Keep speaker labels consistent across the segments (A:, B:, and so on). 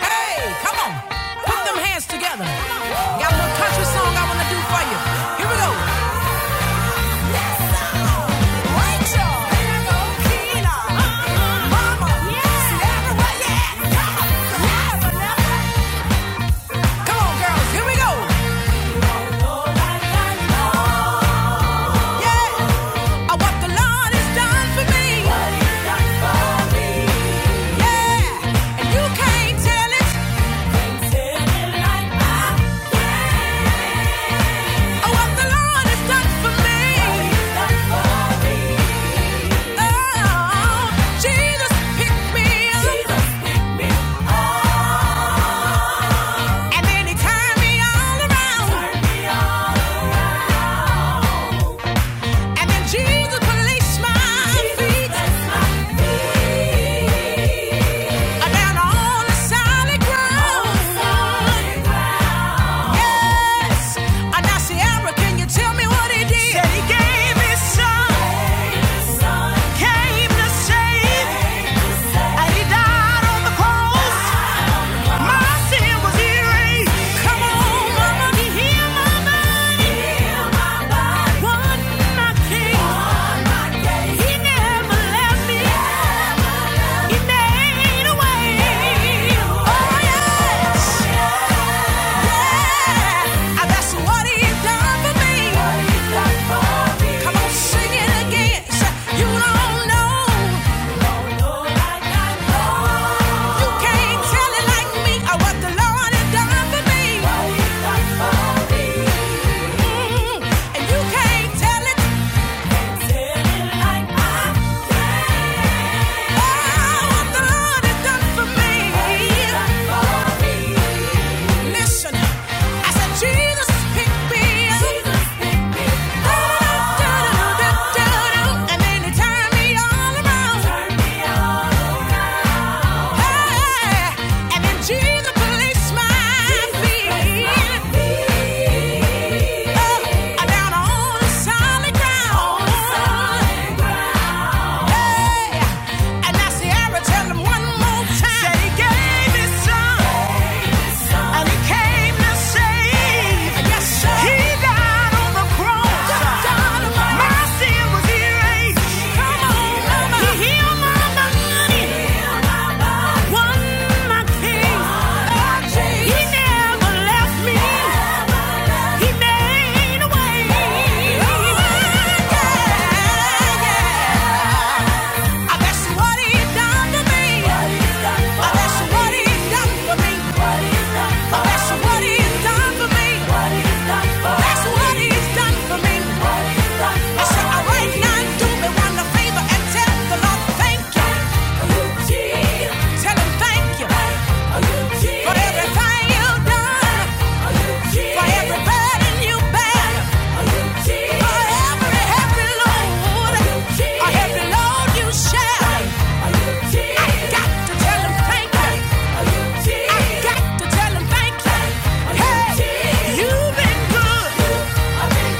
A: Hey, come on. Put them hands together. Got a little country song I want to do for you. Here we go. Rachel, here go Keena, Mama, yeah, everywhere, yeah, come on, never, Come on, girls. Here we go. Yeah. Oh, what the Lord has done for me. Yeah. And you can't tell it. And then he turned me all around. And then Jesus placed my feet down on solid ground. Yes. And now, Sierra, can you tell me what he did? he gave his son, came to save, and he died on the cross. My sin was erased. Come on, sing it again. You don't know. You can't tell it like me or what the Lord has done for me. Mm, And you can't tell it like I Oh, what the Lord has done for me. Listen, I said Jesus picked me he died on the cross. That's what he he's done for me. What he's done so right now, do me one favor and tell the Lord thank you. Tell him thank you for everything you've done, for every burden you bear, for every heavy load, a heavy load you share. I got to tell him thank you. I got to tell him thank you. Hey, you've been good. Made a way out of no way.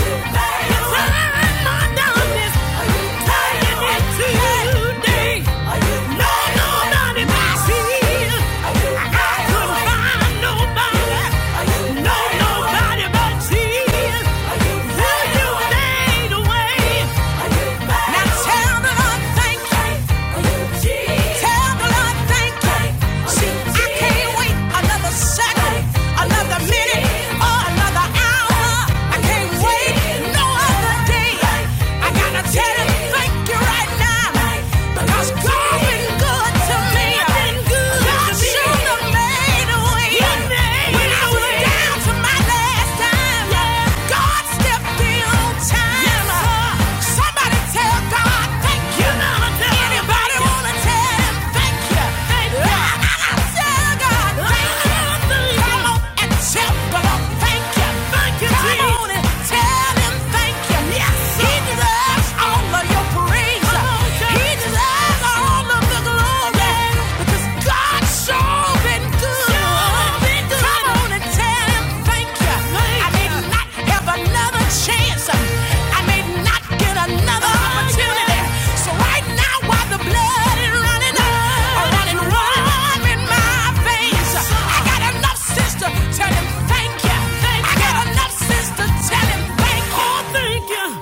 A: Turn my darkness Another hour, I can't wait no other day. I gotta tell you, thank you right now. Because God's been good to me. I've been good. God should have made a way. When I was down to my last dime, God stepped in on time. Somebody tell God thank you. Anybody wanna tell him thank you? I gotta tell God thank you. Come on and tell God thank you. Come on and tell him thank you. Yes, sir. He deserves all of your praise. He deserves all of the glory. Because God's sure been good. Come on and tell him thank you. I may not have another chance. I may not get another opportunity. So right now, while the blood is running, running warm in my veins, I got enough sense to tell him thank you. I got enough sense to tell him thank Oh, thank you.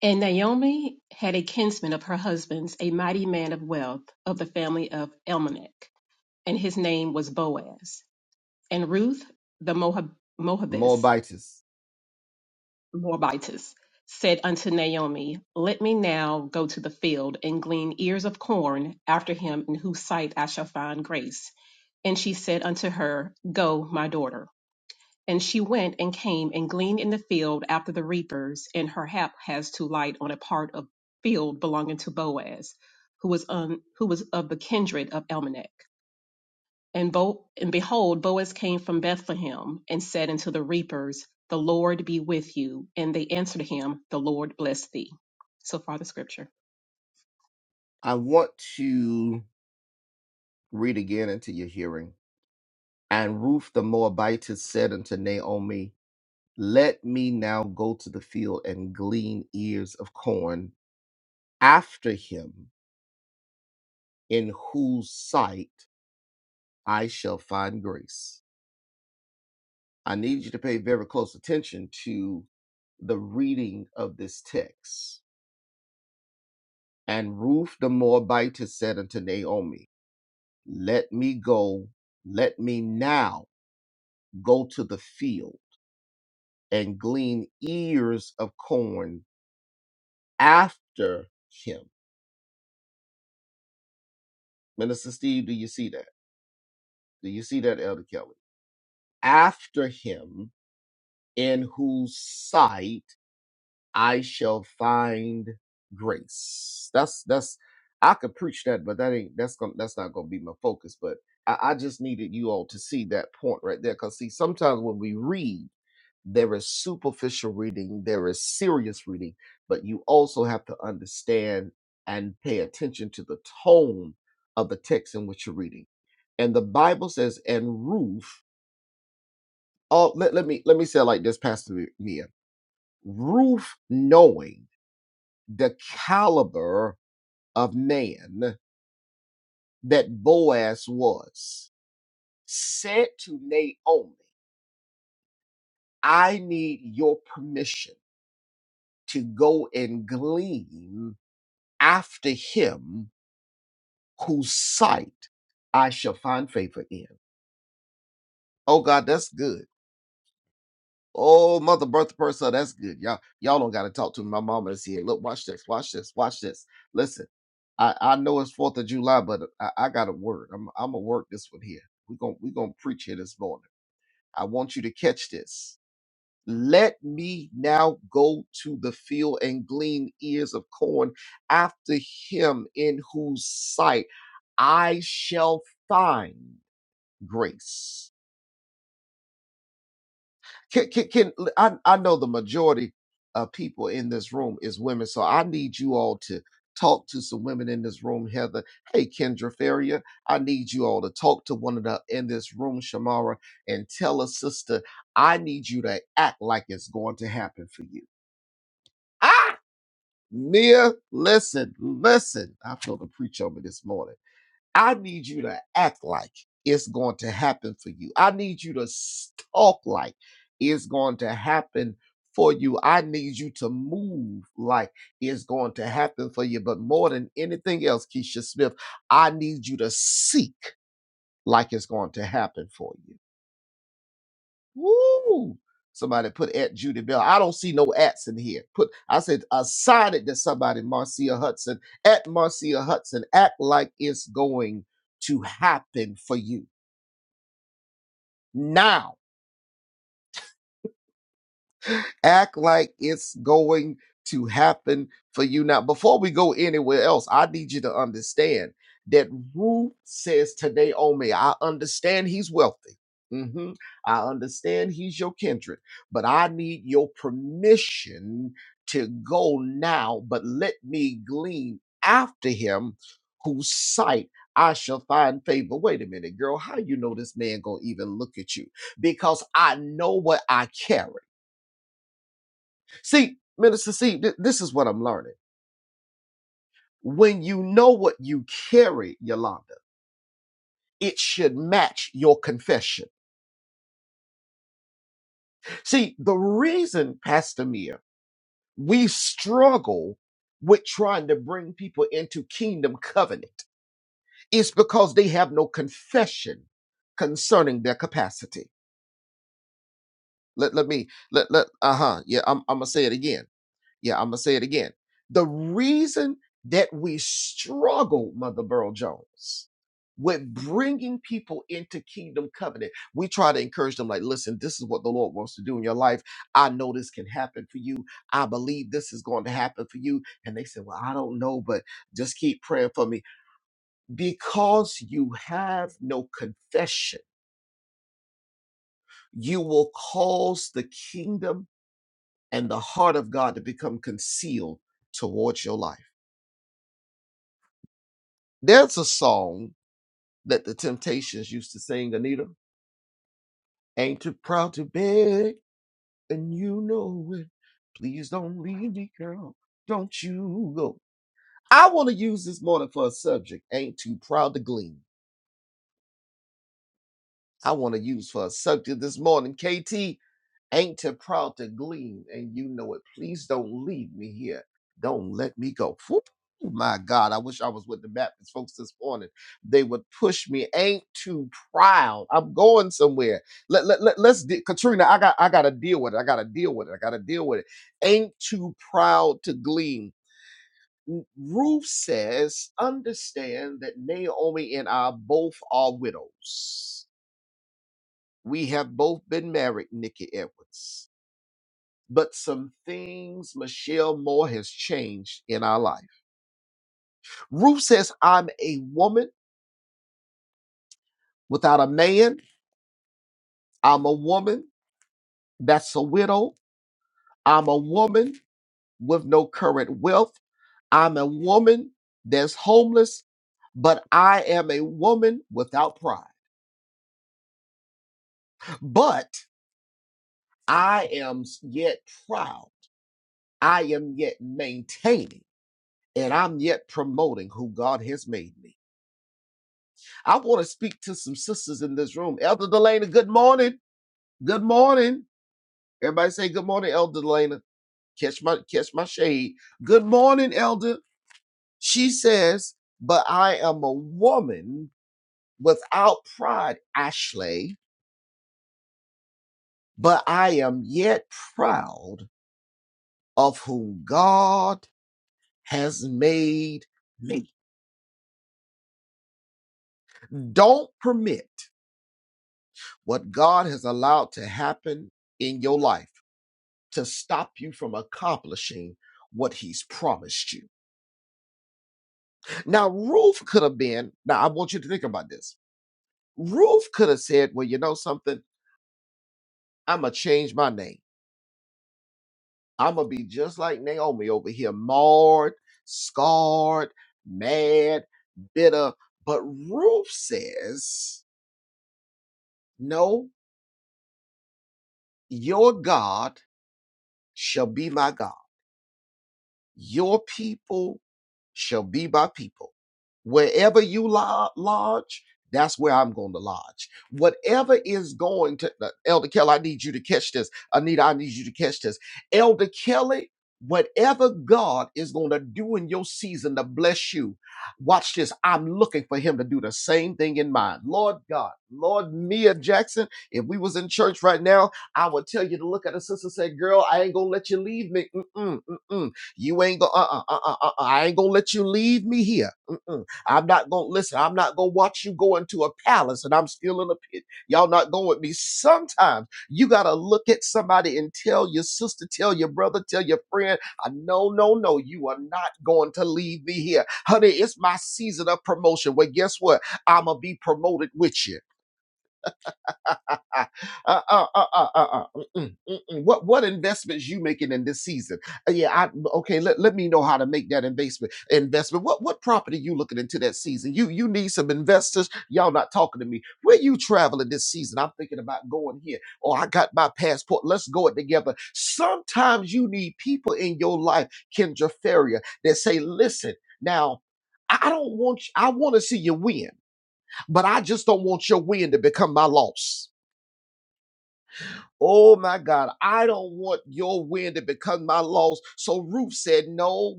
B: And Naomi had a kinsman of her husband's, a mighty man of wealth of the family of Elimelech, and his name was Boaz. And Ruth the Moab, Moabitess, Moabitess said unto Naomi, Let me now go to the field and glean ears of corn after him in whose sight I shall find grace. And she said unto her, Go, my daughter. And she went and came and gleaned in the field after the reapers, and her hap has to light on a part of field belonging to Boaz, who was on, who was of the kindred of Elmelech. And, Bo, and behold, Boaz came from Bethlehem and said unto the reapers, The Lord be with you. And they answered him, The Lord bless thee. So far, the scripture.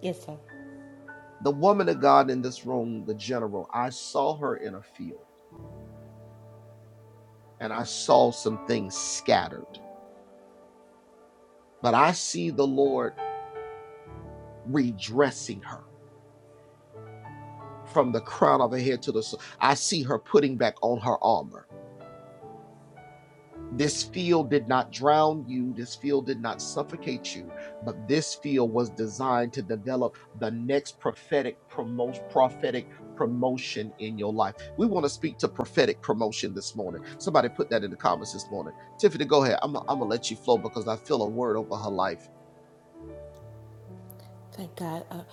C: Yes, sir. Thank God. Uh,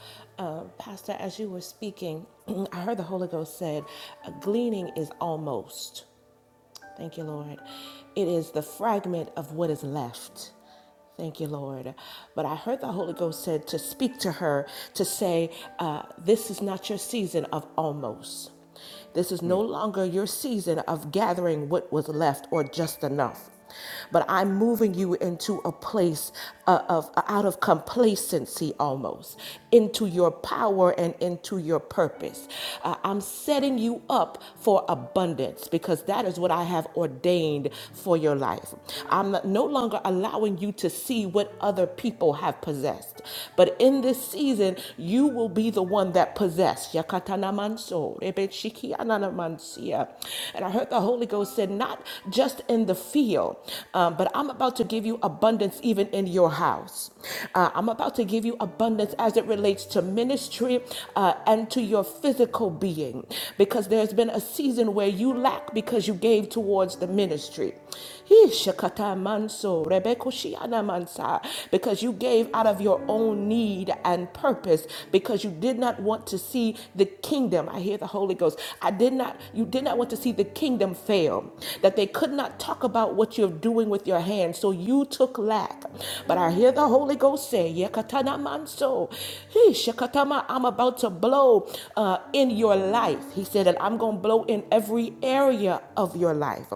C: uh, Pastor, as you were speaking, I heard the Holy Ghost said, "A gleaning is almost. Thank you, Lord. It is the fragment of what is left. Thank you, Lord. But I heard the Holy Ghost said to speak to her, to say, uh, This is not your season of almost. This is no longer your season of gathering what was left or just enough. but I'm moving you into a place uh, of out of complacency almost into your power and into your purpose. Uh, I'm setting you up for abundance because that is what I have ordained for your life. I'm not- no longer allowing you to see what other people have possessed, but in this season, you will be the one that possessed. Yakatanamanso, rebetshikiananamansia. And I heard the Holy Ghost said, not just in the field, um, but I'm about to give you abundance even in your house. Uh, I'm about to give you abundance as it relates to ministry uh, and to your physical being, because there's been a season where you lack because you gave towards the ministry. He shakata manso, rebeko shiana mansa, because you gave out of your own need and purpose, because you did not want to see the kingdom. I hear the Holy Ghost. I did not, you did not want to see the kingdom fail, that they could not talk about what you're doing with your hands. So you took lack. But I hear the Holy Ghost say, Yekatana manso. He shakatama, I'm about to blow uh, in your your life. He said that I'm going to blow in every area of your life.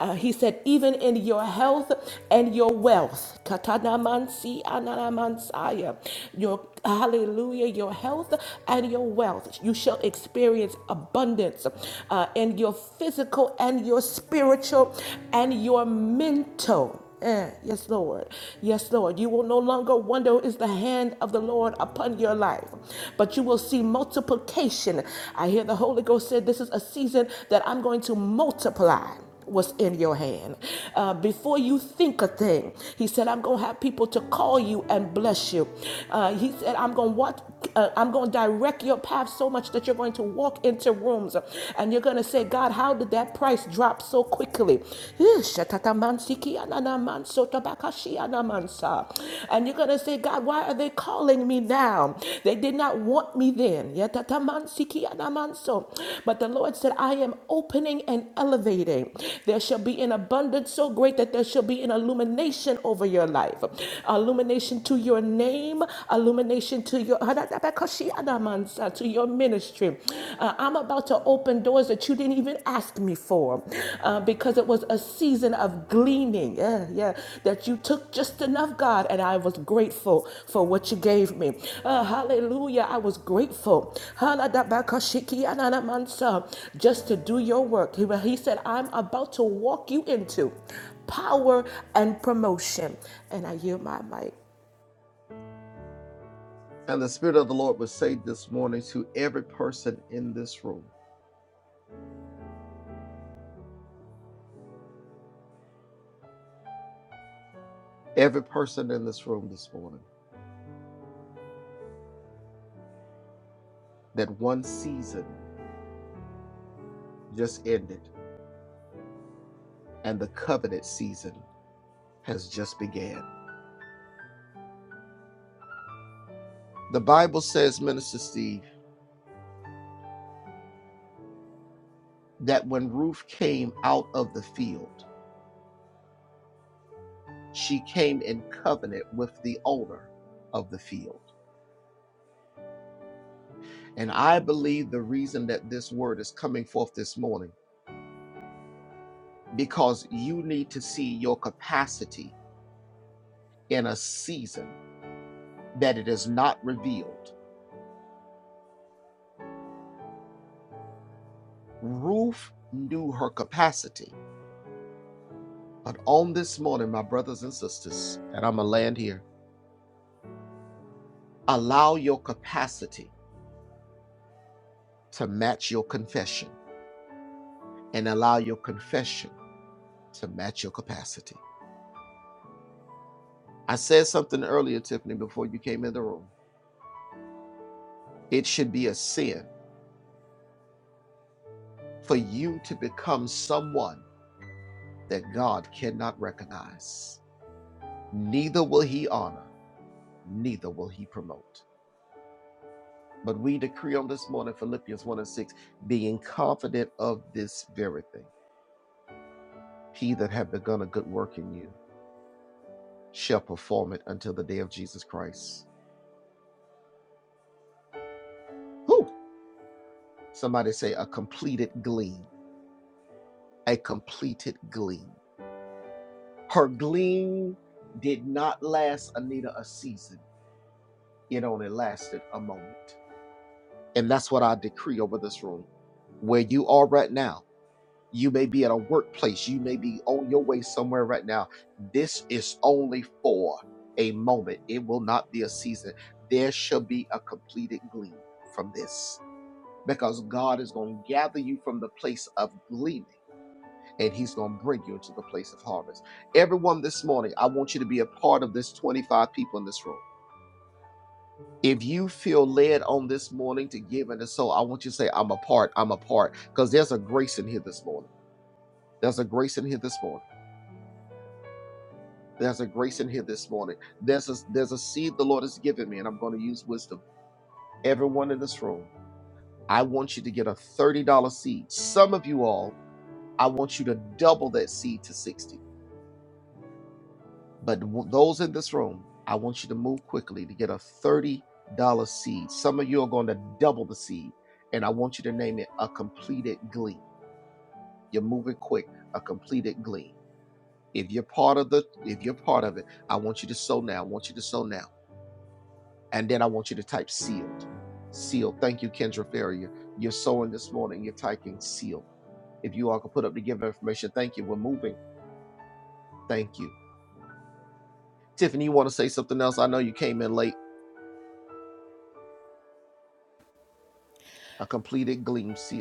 C: Uh, he said, even in your health and your wealth. Katanamansi ananamansaya. Your hallelujah, your health and your wealth. You shall experience abundance uh, in your physical and your spiritual and your mental. Eh, yes, Lord. Yes, Lord. You will no longer wonder is the hand of the Lord upon your life, but you will see multiplication. I hear the Holy Ghost said, This is a season that I'm going to multiply what's in your hand. Uh, before you think a thing, he said, I'm going to have people to call you and bless you. Uh, he said, I'm going to watch, uh, I'm going to direct your path so much that you're going to walk into rooms and you're going to say, God, how how did that price drop so quickly? And you're going to say, God, why are they calling me now? They did not want me then. But the Lord said, I am opening and elevating. There shall be an abundance so great that there shall be an illumination over your life, illumination to your name, illumination to your hands uh, to your ministry. Uh, I'm about to open doors that you didn't even ask me for uh, because it was a season of gleaning. Yeah, yeah, that you took just enough, God, and I was grateful for what you gave me. Uh, hallelujah. I was grateful. Haladabakashikiananamansa, Just to do your work. He he said, I'm about to walk you into power and promotion. And I yield my mic.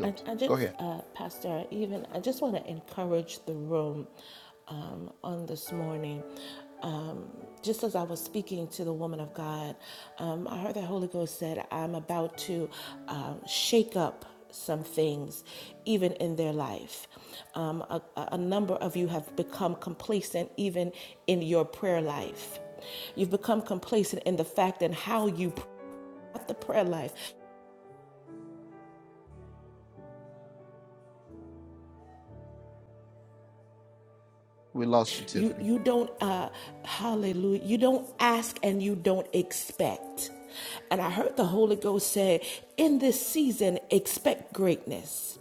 C: And I just, uh, Pastor, even I just want to encourage the room um, on this morning. Um, just as I was speaking to the woman of God, um, I heard the Holy Ghost said, "I'm about to uh, shake up." Some things, even in their life. Um, a, a number of you have become complacent, even in your prayer life. You've become complacent in the fact and how you pray. not the prayer life, You you don't uh hallelujah. You don't ask and you don't expect. And I heard the Holy Ghost say, in this season, expect greatness.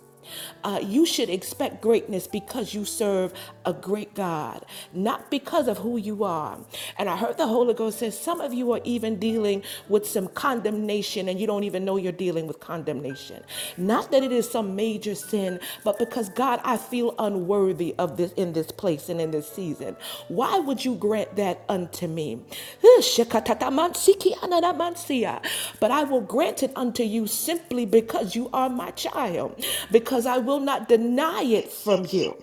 C: Uh, you should expect greatness because you serve a great God, not because of who you are. And I heard the Holy Ghost say, some of you are even dealing with some condemnation and you don't even know you're dealing with condemnation. Not that it is some major sin, but because God, I feel unworthy of this in this this place and in this season. Why would you grant that unto me? But I will grant it unto you simply because you are my child, because I will not deny it from you.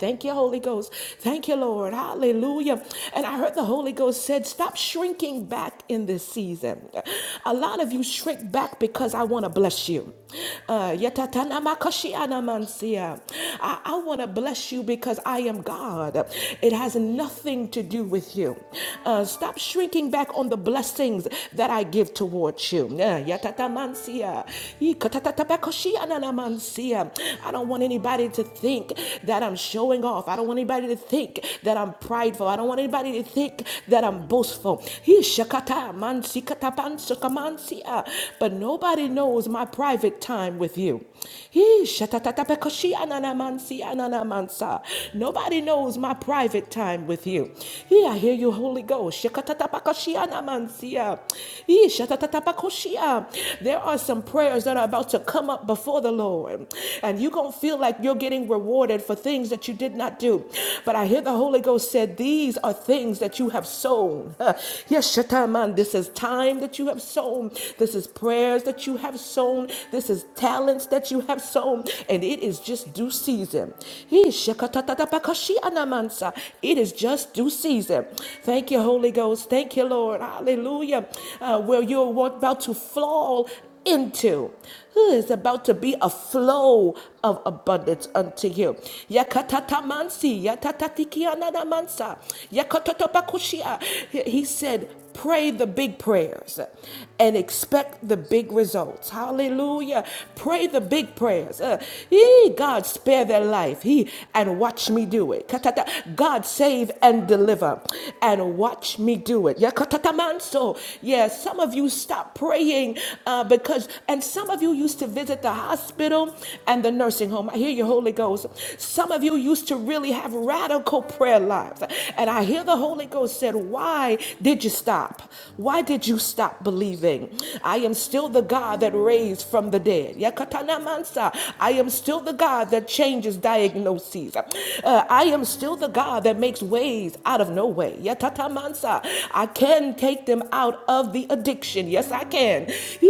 C: Thank you, Holy Ghost. Thank you, Lord. Hallelujah. And I heard the Holy Ghost said, Stop shrinking back in this season. A lot of you shrink back because I want to bless you. Uh, I, I want to bless you because I am God. It has nothing to do with you. Uh, stop shrinking back on the blessings that I give towards you. Uh, I don't want anybody to think that I'm showing off. I don't want anybody to think that I'm prideful. I don't want anybody to think that I'm boastful but nobody knows my private time with you. Hee, shatatatapekashi ananamansi ananamansa. Nobody knows my private time with you. Hee, I hear you, Holy Ghost. Shakatatapakashi anamansia. Hee, shatatatapakoshia. There are some prayers that are about to come up before the Lord, and you're going to feel like you're getting rewarded for things that you did not do. But I hear the Holy Ghost said, These are things that you have sown. Yes, Shataman, this is time that you have sown sown. This is prayers that you have sown. This is talents that you have sown. And it is just due season. It is just due season. Thank you, Holy Ghost. Thank you, Lord. Hallelujah. Uh, where you're about to fall into who is about to be a flow of abundance unto you. He said, Pray the big prayers and expect the big results. Hallelujah. Pray the big prayers. Uh, yee, God, spare their life. He and watch me do it. God, save and deliver river and watch me do it. Yakatatamanso. Yes, some of you stop praying uh, because, and some of you used to visit the hospital and the nursing home. I hear you, Holy Ghost. Some of you used to really have radical prayer lives. And I hear the Holy Ghost said, Why did you stop? Why did you stop believing? I am still the God that raised from the dead. Anamansa. I am still the God that changes diagnoses. Uh, I am still the God that makes ways out of no way. Yatatamansa. I can take them out of the addiction. Yes, I can.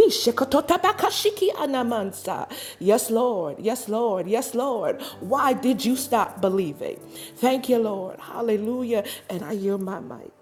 C: Ishikototabakashiki anamansa. Yes, Lord. Yes, Lord. Yes, Lord. Why did you stop believing? Thank you, Lord. Hallelujah. And I yield my mic.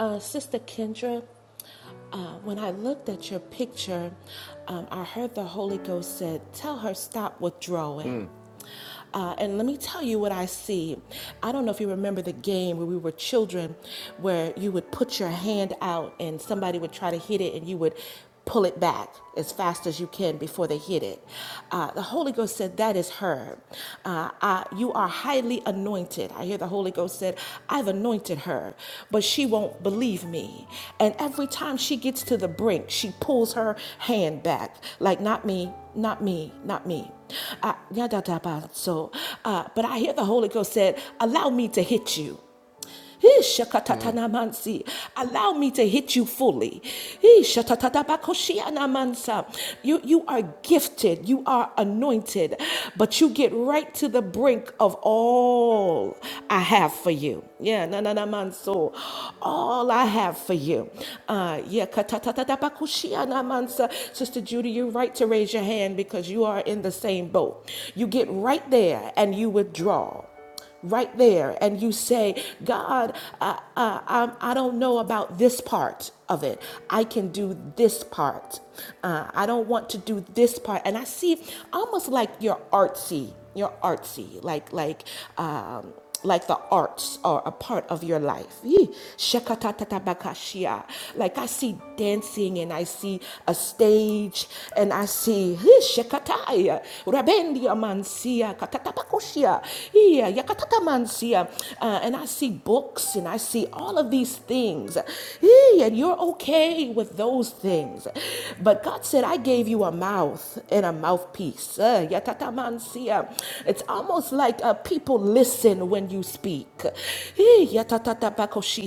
C: Uh, Sister Kendra. Uh, when I looked at your picture, um, I heard the Holy Ghost said, Tell her stop withdrawing. Uh, and let me tell you what I see. I don't know if you remember the game where we were children, where you would put your hand out and somebody would try to hit it, and you would pull it back as fast as you can before they hit it. Uh, the Holy Ghost said, That is her. Uh, I- you are highly anointed. I hear the Holy Ghost said, I've anointed her, but she won't believe me. And every time she gets to the brink, she pulls her hand back, like, Not me, not me, not me. Uh, so, uh, but I hear the Holy Ghost said, Allow me to hit you. Hey, shakatatanamansi. Allow me to hit you fully. Hey, shatatatabakoshiyanamansa. You, you are gifted, you are anointed, but you get right to the brink of all I have for you. Yeah, na na na manso. All I have for you. Uh, yeah, katatatabakoshiyanamansa. Sister Judy, you're right to raise your hand because you are in the same boat. You get right there and you withdraw right there and you say, God, I, I, I'm- I i do not know about this part of it. I can do this part. Uh, I don't want to do this part. And I see almost like you're artsy. You're artsy, like like um, like the arts are a part of your life. Yee. Shakatatabakashia. Like I see dancing and I see a stage and I see "Hey, Shekataya, Rabendia Mansia, Katatapakoshia, Iya, Yakatata Mansia, uh, and I see books and I see all of these things. Hey, and you're okay with those things. But God said, I gave you a mouth and a mouthpiece. Uh, Yakata Mansia. It's almost like uh, people listen when you speak. He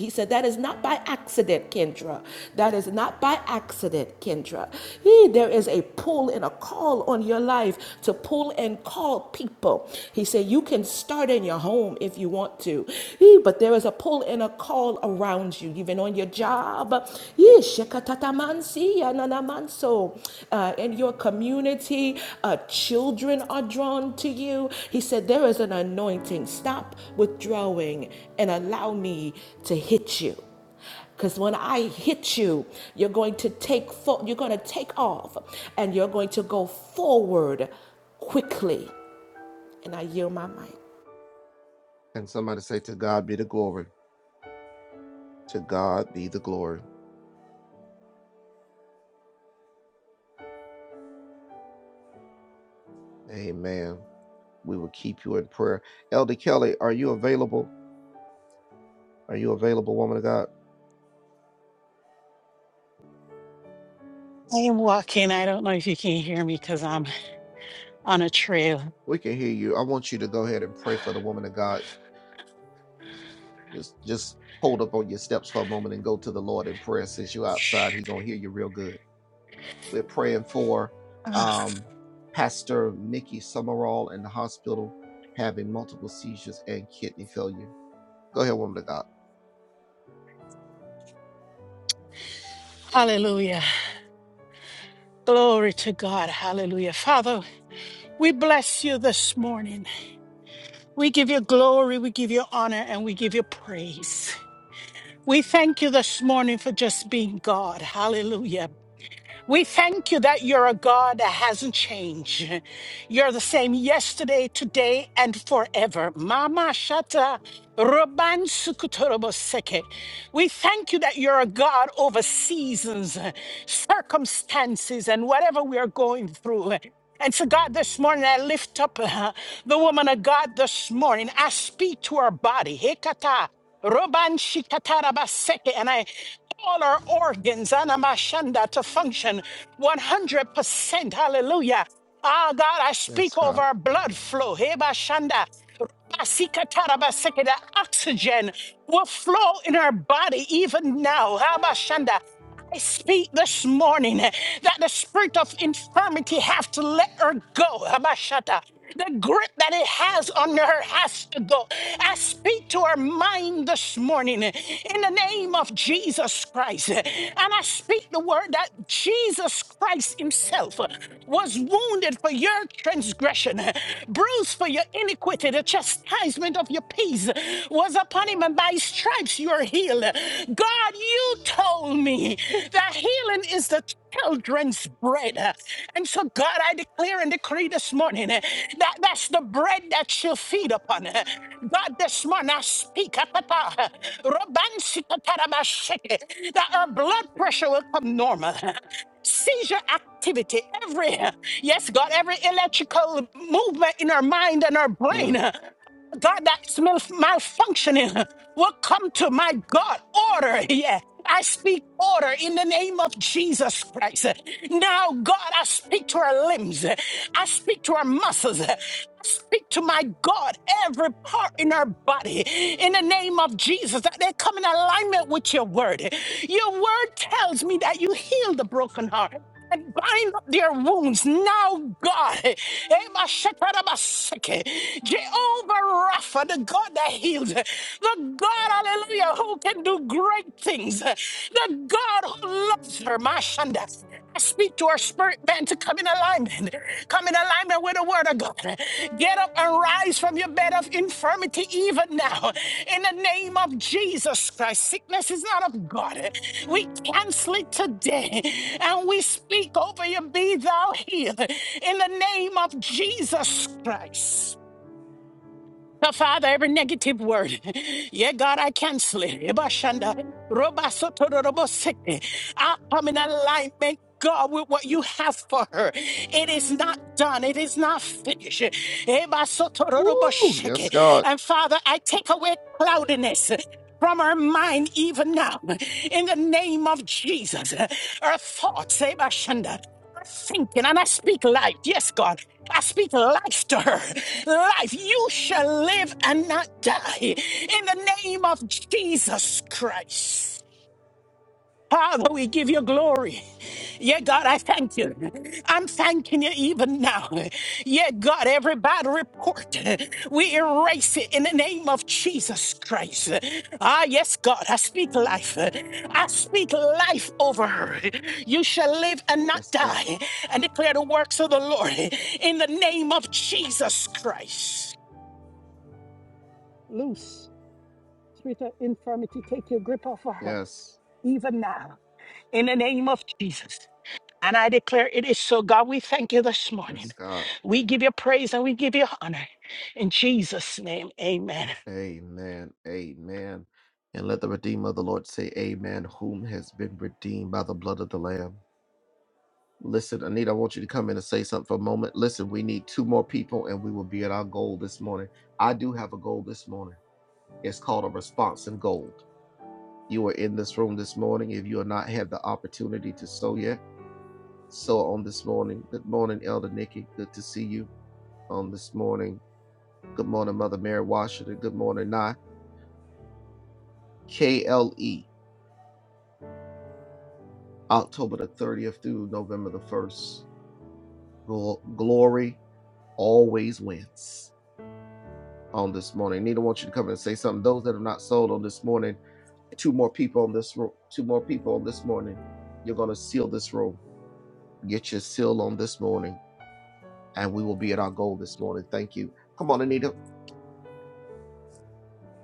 C: said, That is not by accident, Kendra. That is not by accident, Kendra. He, there is a pull and a call on your life to pull and call people. He said, You can start in your home if you want to, He, but there is a pull and a call around you, even on your job. Yee, shekatatamansi, yananamanso. Uh, in your community, uh, children are drawn to you. He said, There is an anointing. Stop withdrawing and allow me to hit you. Because when I hit you, you're going to take fo- you're going to take off and you're going to go forward quickly. And I yield my mic.
D: I am walking. I don't know if you can hear me because I'm on a trail. Ah, hallelujah. Glory to God. Hallelujah. Father, we bless you this morning. We give you glory, we give you honor, and we give you praise. We thank you this morning for just being God. Hallelujah. We thank you that you're a God that hasn't changed. You're the same yesterday, today, and forever. Mama Shata. Roban Sukutoroboseke. We thank you that you're a God over seasons, circumstances, and whatever we are going through. And so, God, this morning I lift up uh, the woman of God this morning. I speak to her body. Hekata. Roban Shikatarabaseke, and I all our organs anamashanda to function 100%. Hallelujah. Ah, God, I speak over our blood flow. Hebashanda. Rabasikatarabaseke, The oxygen will flow in our body even now. Habashanda. I speak this morning eh, that the spirit of infirmity have to let her go. Abashata, The grip that it has on her has to go. I speak to her mind this morning eh, in the name of Jesus Christ. eh, And I speak the word that Jesus Christ himself eh, was wounded for your transgression, eh, bruised for your iniquity chastisement of your peace was upon him, and by his stripes you are healed. God, you told me that healing is the children's bread. And so, God, I declare and decree this morning eh, that that's the bread that you'll feed upon. eh. God, this morning I speak ah, papa, eh, robansikatarabashi, eh, that our blood pressure will come normal. eh. Seizure activity, every, eh, yes, God, every electrical movement in our mind and our brain. eh, God that is mal- malfunctioning will come to my God. Order, yeah. I speak order in the name of Jesus Christ. Now, God, I speak to our limbs. I speak to our muscles. I speak to my God, every part in our body, in the name of Jesus, that they come in alignment with your word. Your word tells me that you heal the broken heart and bind up their wounds now, God. Emashatarabasake. Jehovah Rapha, the God that heals, the God, hallelujah, who can do great things, the God who loves her, Mashanda. I speak to her spirit man to come in alignment, come in alignment with the word of God. Get up and rise from your bed of infirmity even now, in the name of Jesus Christ. Sickness is not of God. We cancel it today and we speak over you, be thou healed in the name of Jesus Christ. So, Father, every negative word, yeah, God, I cancel it. Ebashanda, robasotoroboseke. I come in alignment, God, with what you have for her. It is not done, it is not finished. Ebasotoroboseke. And Father, I take away cloudiness. From her mind, even now, in the name of Jesus, her thoughts, Ebashanda thinking and I speak life. Yes, God. I speak life to her. Life. You shall live and not die in the name of Jesus Christ. Father, we give you glory. Yeah, God, I thank you. I'm thanking you even now. Yeah, God, every bad report, we erase it in the name of Jesus Christ. Ah, yes, God, I speak life. I speak life over her. You shall live and not die and declare the works of the Lord in the name of Jesus Christ. Loose, spirit of infirmity, take your grip off of her even now in the name of Jesus. And I declare it is so. God, we thank you this morning. We give you praise and we give you honor. In Jesus' name, amen.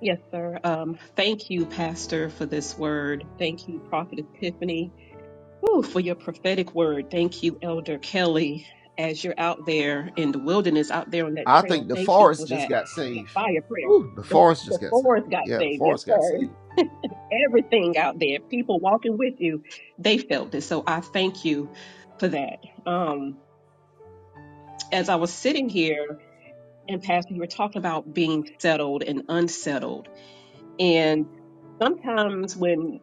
B: Yes, sir. Um, thank you, Pastor, for this word. Thank you, Prophet Tiffany Ooh, for your prophetic word. Thank you, Elder Kelly. As you're out there in the wilderness, out there on that trail, thank you for that, that fire prayer. The, the forest got saved. Yes, sir. Everything out there, people walking with you, they felt it. So I thank you for that. Um, as I was sitting here and Pastor, you were talking about being settled and unsettled. And sometimes when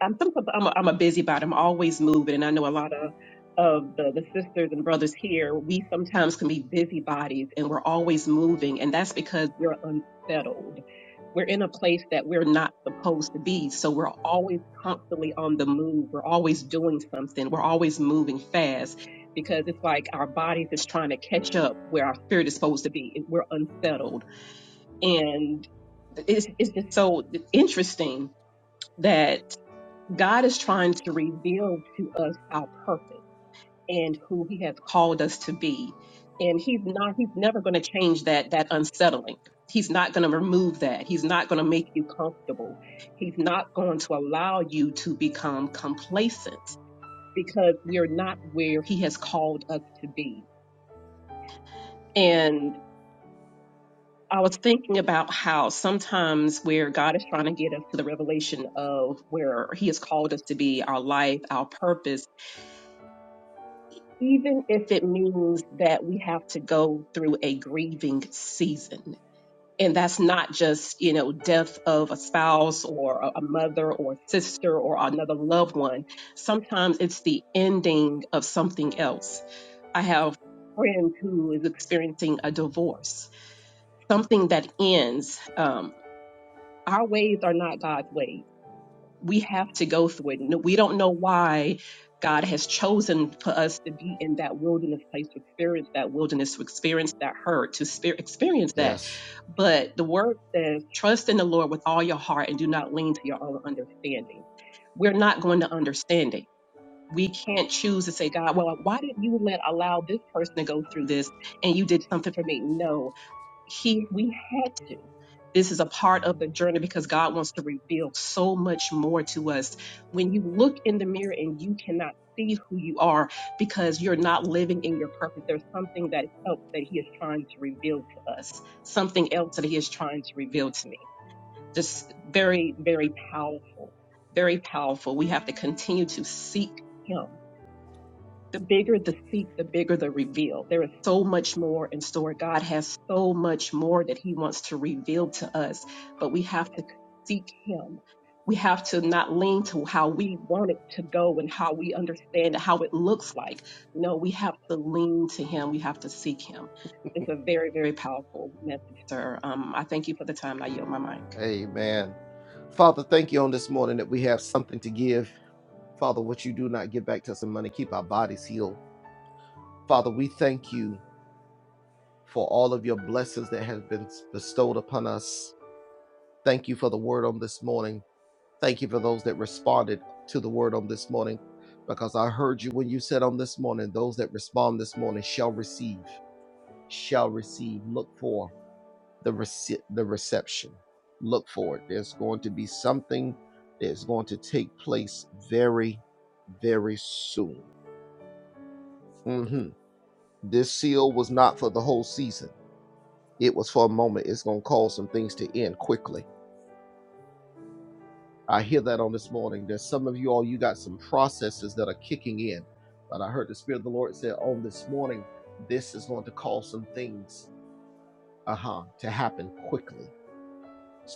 B: I'm some, I'm a, I'm a busybody. I'm always moving, and I know a lot of of the, the sisters and brothers here. We sometimes can be busybodies, and we're always moving, and that's because we're unsettled. We're in a place that we're not supposed to be, so we're always constantly on the move. We're always doing something. We're always moving fast because it's like our bodies is trying to catch up where our spirit is supposed to be. We're unsettled, and it's it's just so interesting that. God is trying to reveal to us our purpose and who He has called us to be. And He's not, He's never going to change that, that unsettling. He's not going to remove that. He's not going to make you comfortable. He's not going to allow you to become complacent because we're not where He has called us to be. And I was thinking about how sometimes where God is trying to get us to the revelation of where He has called us to be, our life, our purpose even if it means that we have to go through a grieving season. And that's not just, you know, death of a spouse or a a mother or sister or another loved one. Sometimes it's the ending of something else. I have a friend who is experiencing a divorce, something that ends. Um, our ways are not God's ways we have to go through it. No- We don't know why God has chosen for us to be in that wilderness place to experience that wilderness, to experience that hurt, to spe- experience that. But the word says, trust in the Lord with all your heart and do not lean to your own understanding. We're not going to understand it. We can't choose to say, God, well, why did you let allow this person to go through this and you did something for me? No, he we had to this is a part of the journey because god wants to reveal so much more to us when you look in the mirror and you cannot see who you are because you're not living in your purpose there's something that else that he is trying to reveal to us something else that he is trying to reveal to me just very very powerful very powerful we have to continue to seek him the bigger the seek, the bigger the reveal. There is so much more in store. God has so much more that He wants to reveal to us, but we have to seek Him. We have to not lean to how we want it to go and how we understand how it looks like. No, we have to lean to Him. We have to seek Him. It's a very, very powerful message, sir. Um, I thank you for the time. I yield my mic.